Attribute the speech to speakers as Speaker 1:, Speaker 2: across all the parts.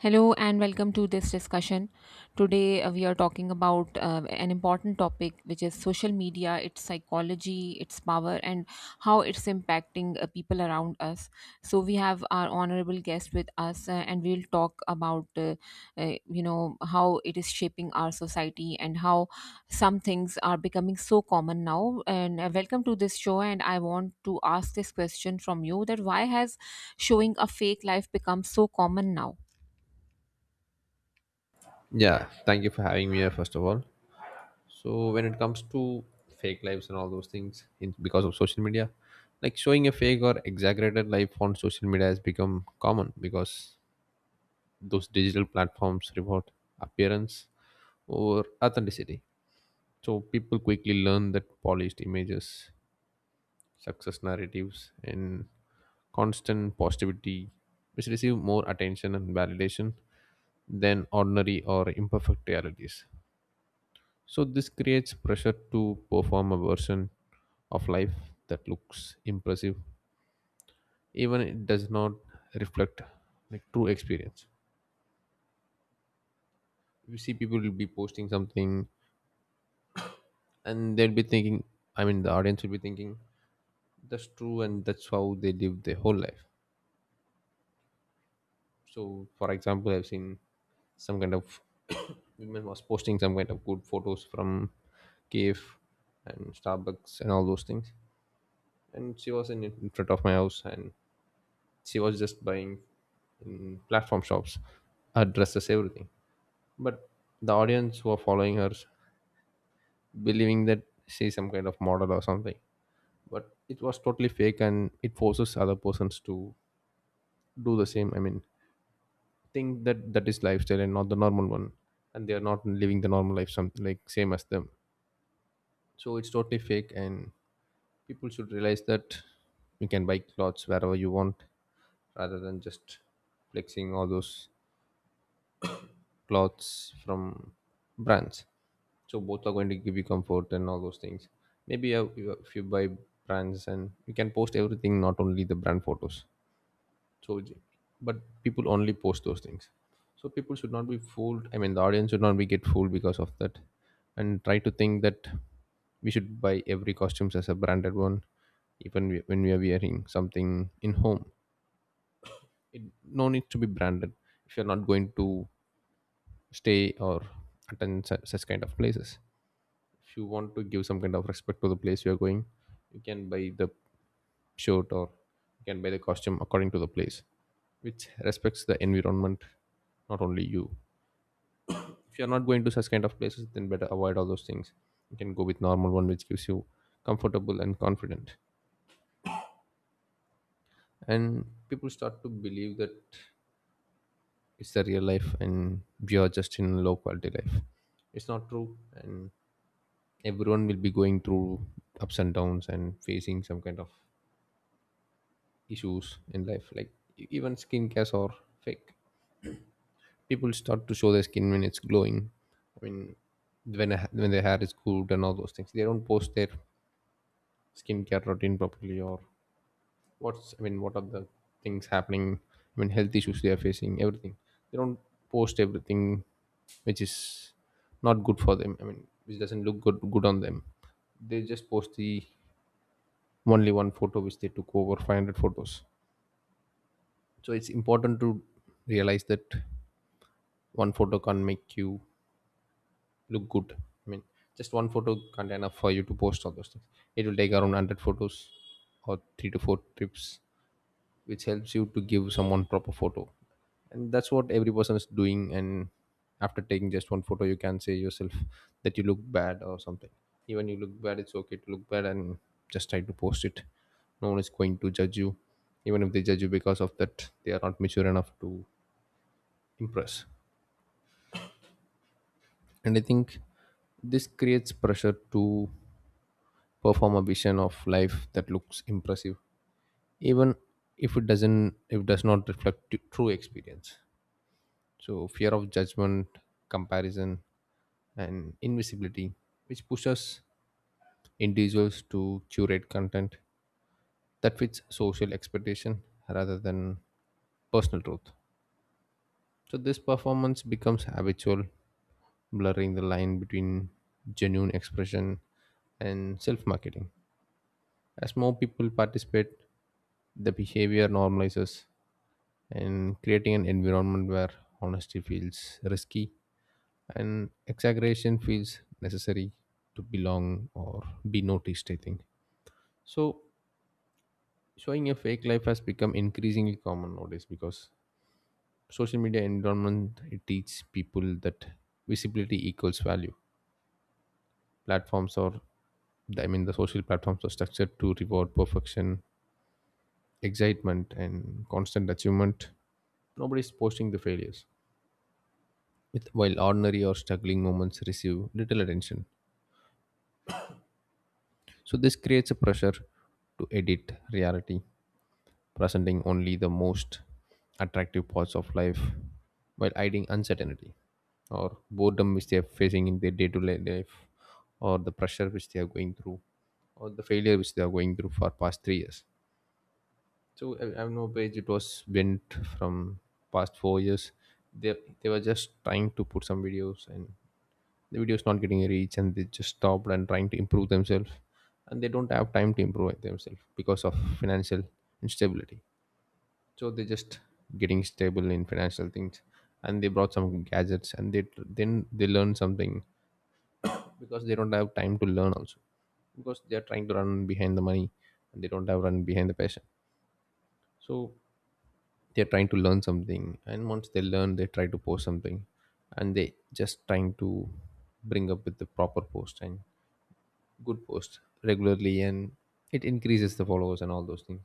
Speaker 1: Hello and welcome to this discussion. Today we are talking about an important topic which is social media, its psychology, its power, and how it's impacting people around us. So we have our honorable guest with us, and we'll talk about how it is shaping our society and how some things are becoming so common now. And welcome to this show. And I want to ask this question from you: that why has showing a fake life become so common now?
Speaker 2: Yeah, thank you for having me here, first of all. So, when it comes to fake lives and all those things in, because of social media, like showing a fake or exaggerated life on social media has become common because those digital platforms reward appearance over authenticity. So, people quickly learn that polished images, success narratives, and constant positivity, which receive more attention and validation than ordinary or imperfect realities. So this creates pressure to perform a version of life that looks impressive, even it does not reflect like true experience. You see, people will be posting something, and they'll be thinking. I mean, the audience will be thinking that's true, and that's how they live their whole life. So, for example, I've seen some kind of women was posting some kind of good photos from cave and Starbucks and all those things, and she was in front of my house, and she was just buying in platform shops her dresses everything, but the audience who are following her believing that she's some kind of model or something, but it was totally fake, and it forces other persons to do the same. I mean, think that that is lifestyle and not the normal one, and they are not living the normal life something like same as them. So it's totally fake, and people should realize that you can buy clothes wherever you want rather than just flexing all those cloths from brands. So both are going to give you comfort and all those things. Maybe if you buy brands, and you can post everything, not only the brand photos. So, j- but people only post those things. So people should not be fooled. I mean, the audience should not be get fooled because of that, and try to think that we should buy every costumes as a branded one, even when we are wearing something in home. It no need to be branded if you're not going to stay or attend such kind of places. If you want to give some kind of respect to the place you are going, you can buy the shirt, or you can buy the costume according to the place, which respects the environment, not only you. If you're not going to such kind of places, then better avoid all those things. You can go with normal one which gives you comfortable and confident, and people start to believe that it's the real life and we are just in low quality life. It's not true. And everyone will be going through ups and downs and facing some kind of issues in life, like even skincares are fake. People start to show their skin when it's glowing. I mean, when when their hair is cooled and all those things, they don't post their skincare routine properly, or what's I mean what are the things happening, I mean, health issues they are facing everything. They don't post everything which is not good for them, I mean, which doesn't look good on them. They just post the only one photo which they took over 500 photos. So it's important to realize that one photo can't make you look good. I mean, just one photo can't enough for you to post all those things. It will take around 100 photos or 3 to 4 trips which helps you to give someone proper photo, and that's what every person is doing. And after taking just one photo, you can say yourself that you look bad or something. Even you look bad, it's okay to look bad, and just try to post it. No one is going to judge you. Even if they judge you because of that, they are not mature enough to impress. And I think this creates pressure to perform a vision of life that looks impressive, even if it does not reflect true experience. So fear of judgment, comparison, and invisibility, which pushes individuals to curate content that fits social expectation rather than personal truth. So this performance becomes habitual, blurring the line between genuine expression and self marketing. As more people participate, the behavior normalizes, and creating an environment where honesty feels risky and exaggeration feels necessary to belong or be noticed, I think. So showing a fake life has become increasingly common nowadays because social media environment it teaches people that visibility equals value. Platforms are, I mean, the social platforms are structured to reward perfection, excitement, and constant achievement. Nobody's posting the failures, with, while ordinary or struggling moments receive little attention. So this creates a pressure to edit reality, presenting only the most attractive parts of life while hiding uncertainty or boredom which they are facing in their day-to-day life, or the pressure which they are going through, or the failure which they are going through for past 3 years. So I know page it was went from past 4 years. They were just trying to put some videos, and the video is not getting a reach, and they just stopped and trying to improve themselves, and they don't have time to improve themselves because of financial instability. So they just getting stable in financial things, and they brought some gadgets, and they then they learn something, because they don't have time to learn also, because they are trying to run behind the money, and they don't have run behind the passion. So they're trying to learn something, and once they learn they try to post something, and they just trying to bring up with the proper post and good posts regularly, and it increases the followers and all those things.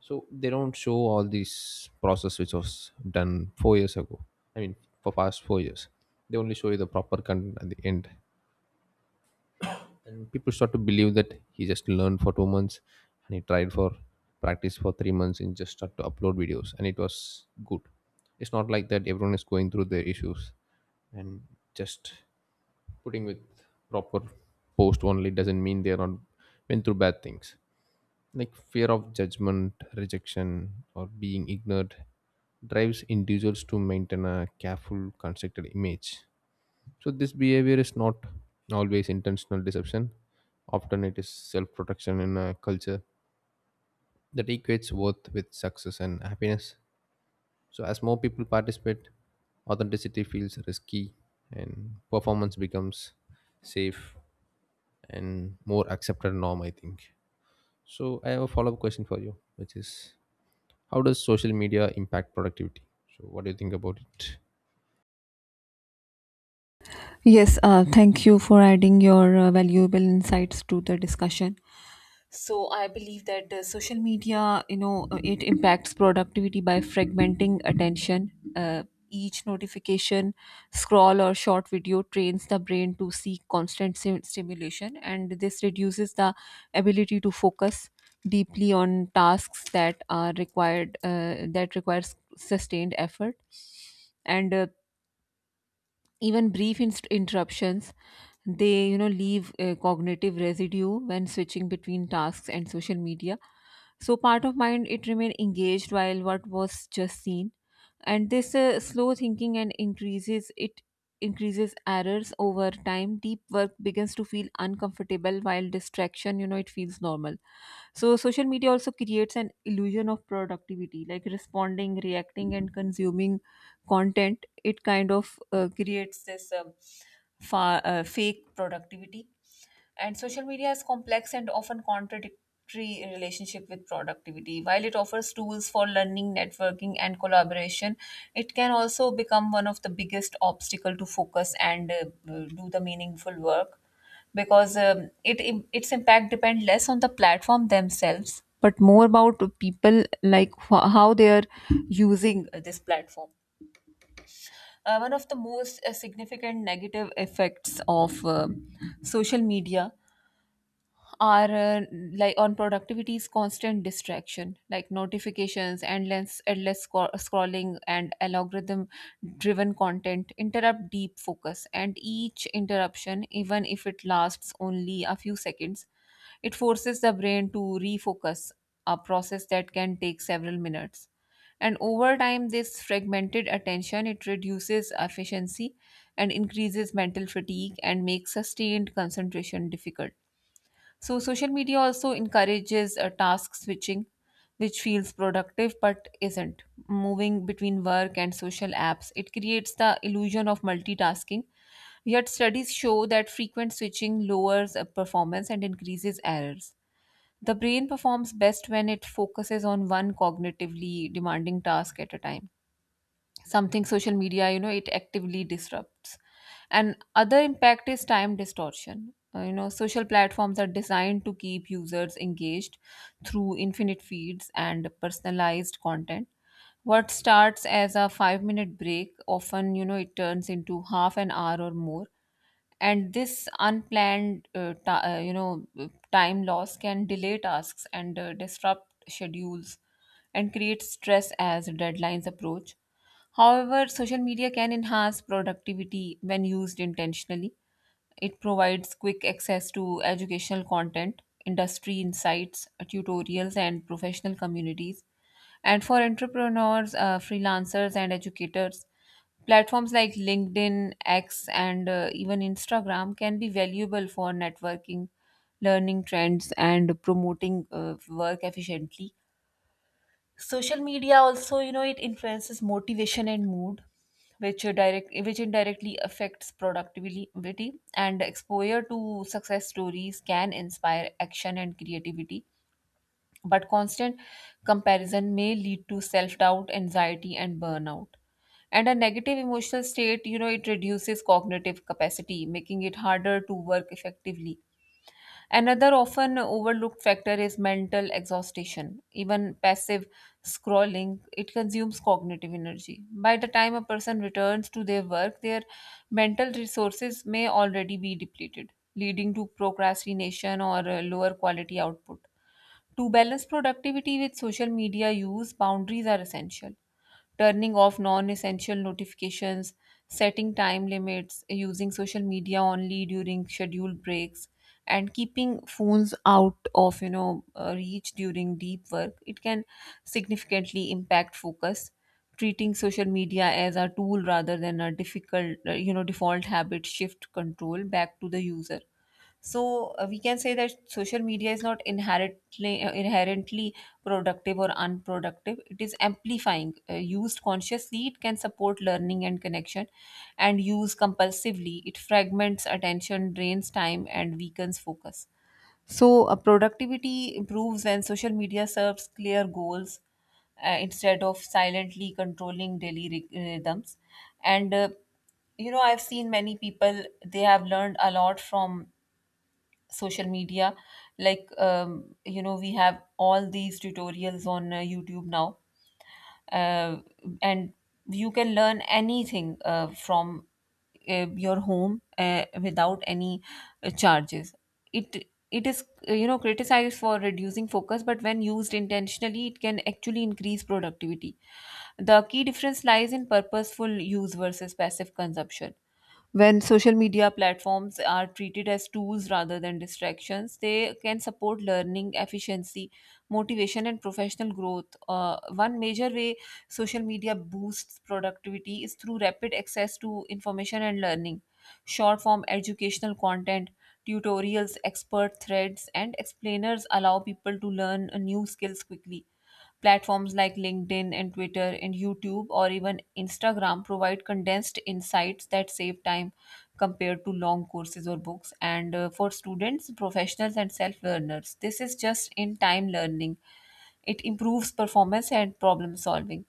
Speaker 2: So they don't show all this process which was done 4 years ago. I mean, for past 4 years they only show you the proper content at the end, and people start to believe that he just learned for 2 months, and he tried for practice for 3 months and just start to upload videos and it was good. It's not like that. Everyone is going through their issues, and just putting with proper post only doesn't mean they're not went through bad things. Like fear of judgment, rejection, or being ignored drives individuals to maintain a careful, constructed image. So, this behavior is not always intentional deception. Often, it is self protection in a culture that equates worth with success and happiness. So, as more people participate, authenticity feels risky and performance becomes safe and more accepted norm, I think. So, I have a follow up question for you, which is, how does social media impact productivity? So, what do you think about it?
Speaker 1: Yes, thank you for adding your valuable insights to the discussion. So I believe that social media, it impacts productivity by fragmenting attention. Each notification, scroll, or short video trains the brain to seek constant stimulation, and this reduces the ability to focus deeply on tasks that are required that requires sustained effort. And even brief interruptions, they, you know, leave a cognitive residue when switching between tasks and social media, so part of mind, it remain engaged while what was just seen. And this slow thinking and increases errors over time. Deep work begins to feel uncomfortable while distraction, you know, it feels normal. So social media also creates an illusion of productivity, like responding, reacting, and consuming content. It kind of creates this. Fake productivity. And social media has complex and often contradictory relationship with productivity. While it offers tools for learning, networking, and collaboration, it can also become one of the biggest obstacle to focus and do the meaningful work, because it, its impact depend less on the platform themselves but more about people, like how they are using this platform. One of the most significant negative effects of social media are, like on productivity, is constant distraction, like notifications, endless scrolling and algorithm driven content interrupt deep focus. And each interruption, even if it lasts only a few seconds, it forces the brain to refocus, a process that can take several minutes. And over time this fragmented attention, it reduces efficiency and increases mental fatigue and makes sustained concentration difficult. So social media also encourages task switching, which feels productive but isn't. Moving between work and social apps, it creates the illusion of multitasking. Yet studies show that frequent switching lowers performance and increases errors. The brain performs best when it focuses on one cognitively demanding task at a time, something social media, you know, it actively disrupts. And other impact is time distortion. You know, social platforms are designed to keep users engaged through infinite feeds and personalized content. What starts as a 5-minute break often, you know, it turns into half an hour or more. And this unplanned ti you know time loss can delay tasks and disrupt schedules and create stress as deadlines approach. However, social media can enhance productivity when used intentionally. It provides quick access to educational content, industry insights, tutorials, and professional communities. And for entrepreneurs, freelancers, and educators, platforms like LinkedIn, X, and even Instagram can be valuable for networking, learning trends, and promoting work efficiently. Social media also, you know, it influences motivation and mood, which are direct, which indirectly affects productivity. And exposure to success stories can inspire action and creativity, but constant comparison may lead to self doubt, anxiety, and burnout. And a negative emotional state, you know, it reduces cognitive capacity, making it harder to work effectively. Another often overlooked factor is mental exhaustion. Even passive scrolling, it consumes cognitive energy. By the time a person returns to their work, their mental resources may already be depleted, leading to procrastination or lower quality output. To balance productivity with social media use, boundaries are essential: turning off non essential notifications, setting time limits, using social media only during scheduled breaks, and keeping phones out of, you know, reach during deep work, it can significantly impact focus. Treating social media as a tool rather than a difficult, you know, default habit shift control back to the user. So we can say that social media is not inherently inherently productive or unproductive. It is amplifying. Used consciously, it can support learning and connection, and used compulsively, it fragments attention, drains time, and weakens focus. So productivity improves when social media serves clear goals instead of silently controlling daily rhythms, and I've seen many people, they have learned a lot from social media, like you know, we have all these tutorials on youtube now. uh, and you can learn anything from your home without any charges. It it is, you know, criticized for reducing focus, but when used intentionally it can actually increase productivity. The key difference lies in purposeful use versus passive consumption. When social media platforms are treated as tools rather than distractions, they can support learning, efficiency, motivation, and professional growth. One major way social media boosts productivity is through rapid access to information and learning. Short form educational content, tutorials, expert threads, and explainers allow people to learn new skills quickly. Platforms like LinkedIn and Twitter and YouTube or even Instagram provide condensed insights that save time compared to long courses or books. And for students, professionals, and self learners, this is just in time learning. It improves performance and problem solving.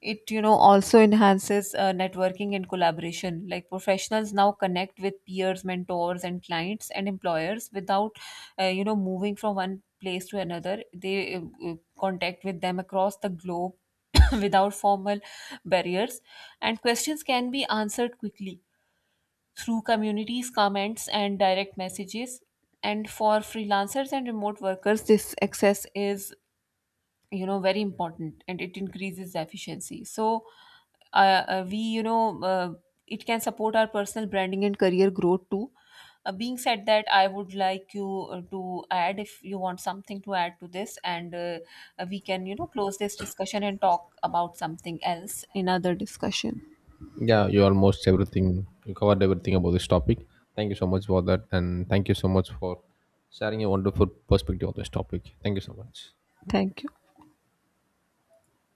Speaker 1: It, you know, also enhances networking and collaboration, like professionals now connect with peers, mentors, and clients, and employers without, you know, moving from one place to another. They contact with them across the globe without formal barriers. And questions can be answered quickly through communities, comments, and direct messages. And for freelancers and remote workers this access is, you know, very important, and it increases the efficiency. So we, you know, it can support our personal branding and career growth too. Being said that, I would like you to add if you want something to add to this, and we can, you know, close this discussion and talk about something else in other discussion.
Speaker 2: Yeah, you almost everything, you covered everything about this topic. Thank you so much for that. And thank you so much for sharing a wonderful perspective on this topic. Thank you so much.
Speaker 1: Thank you.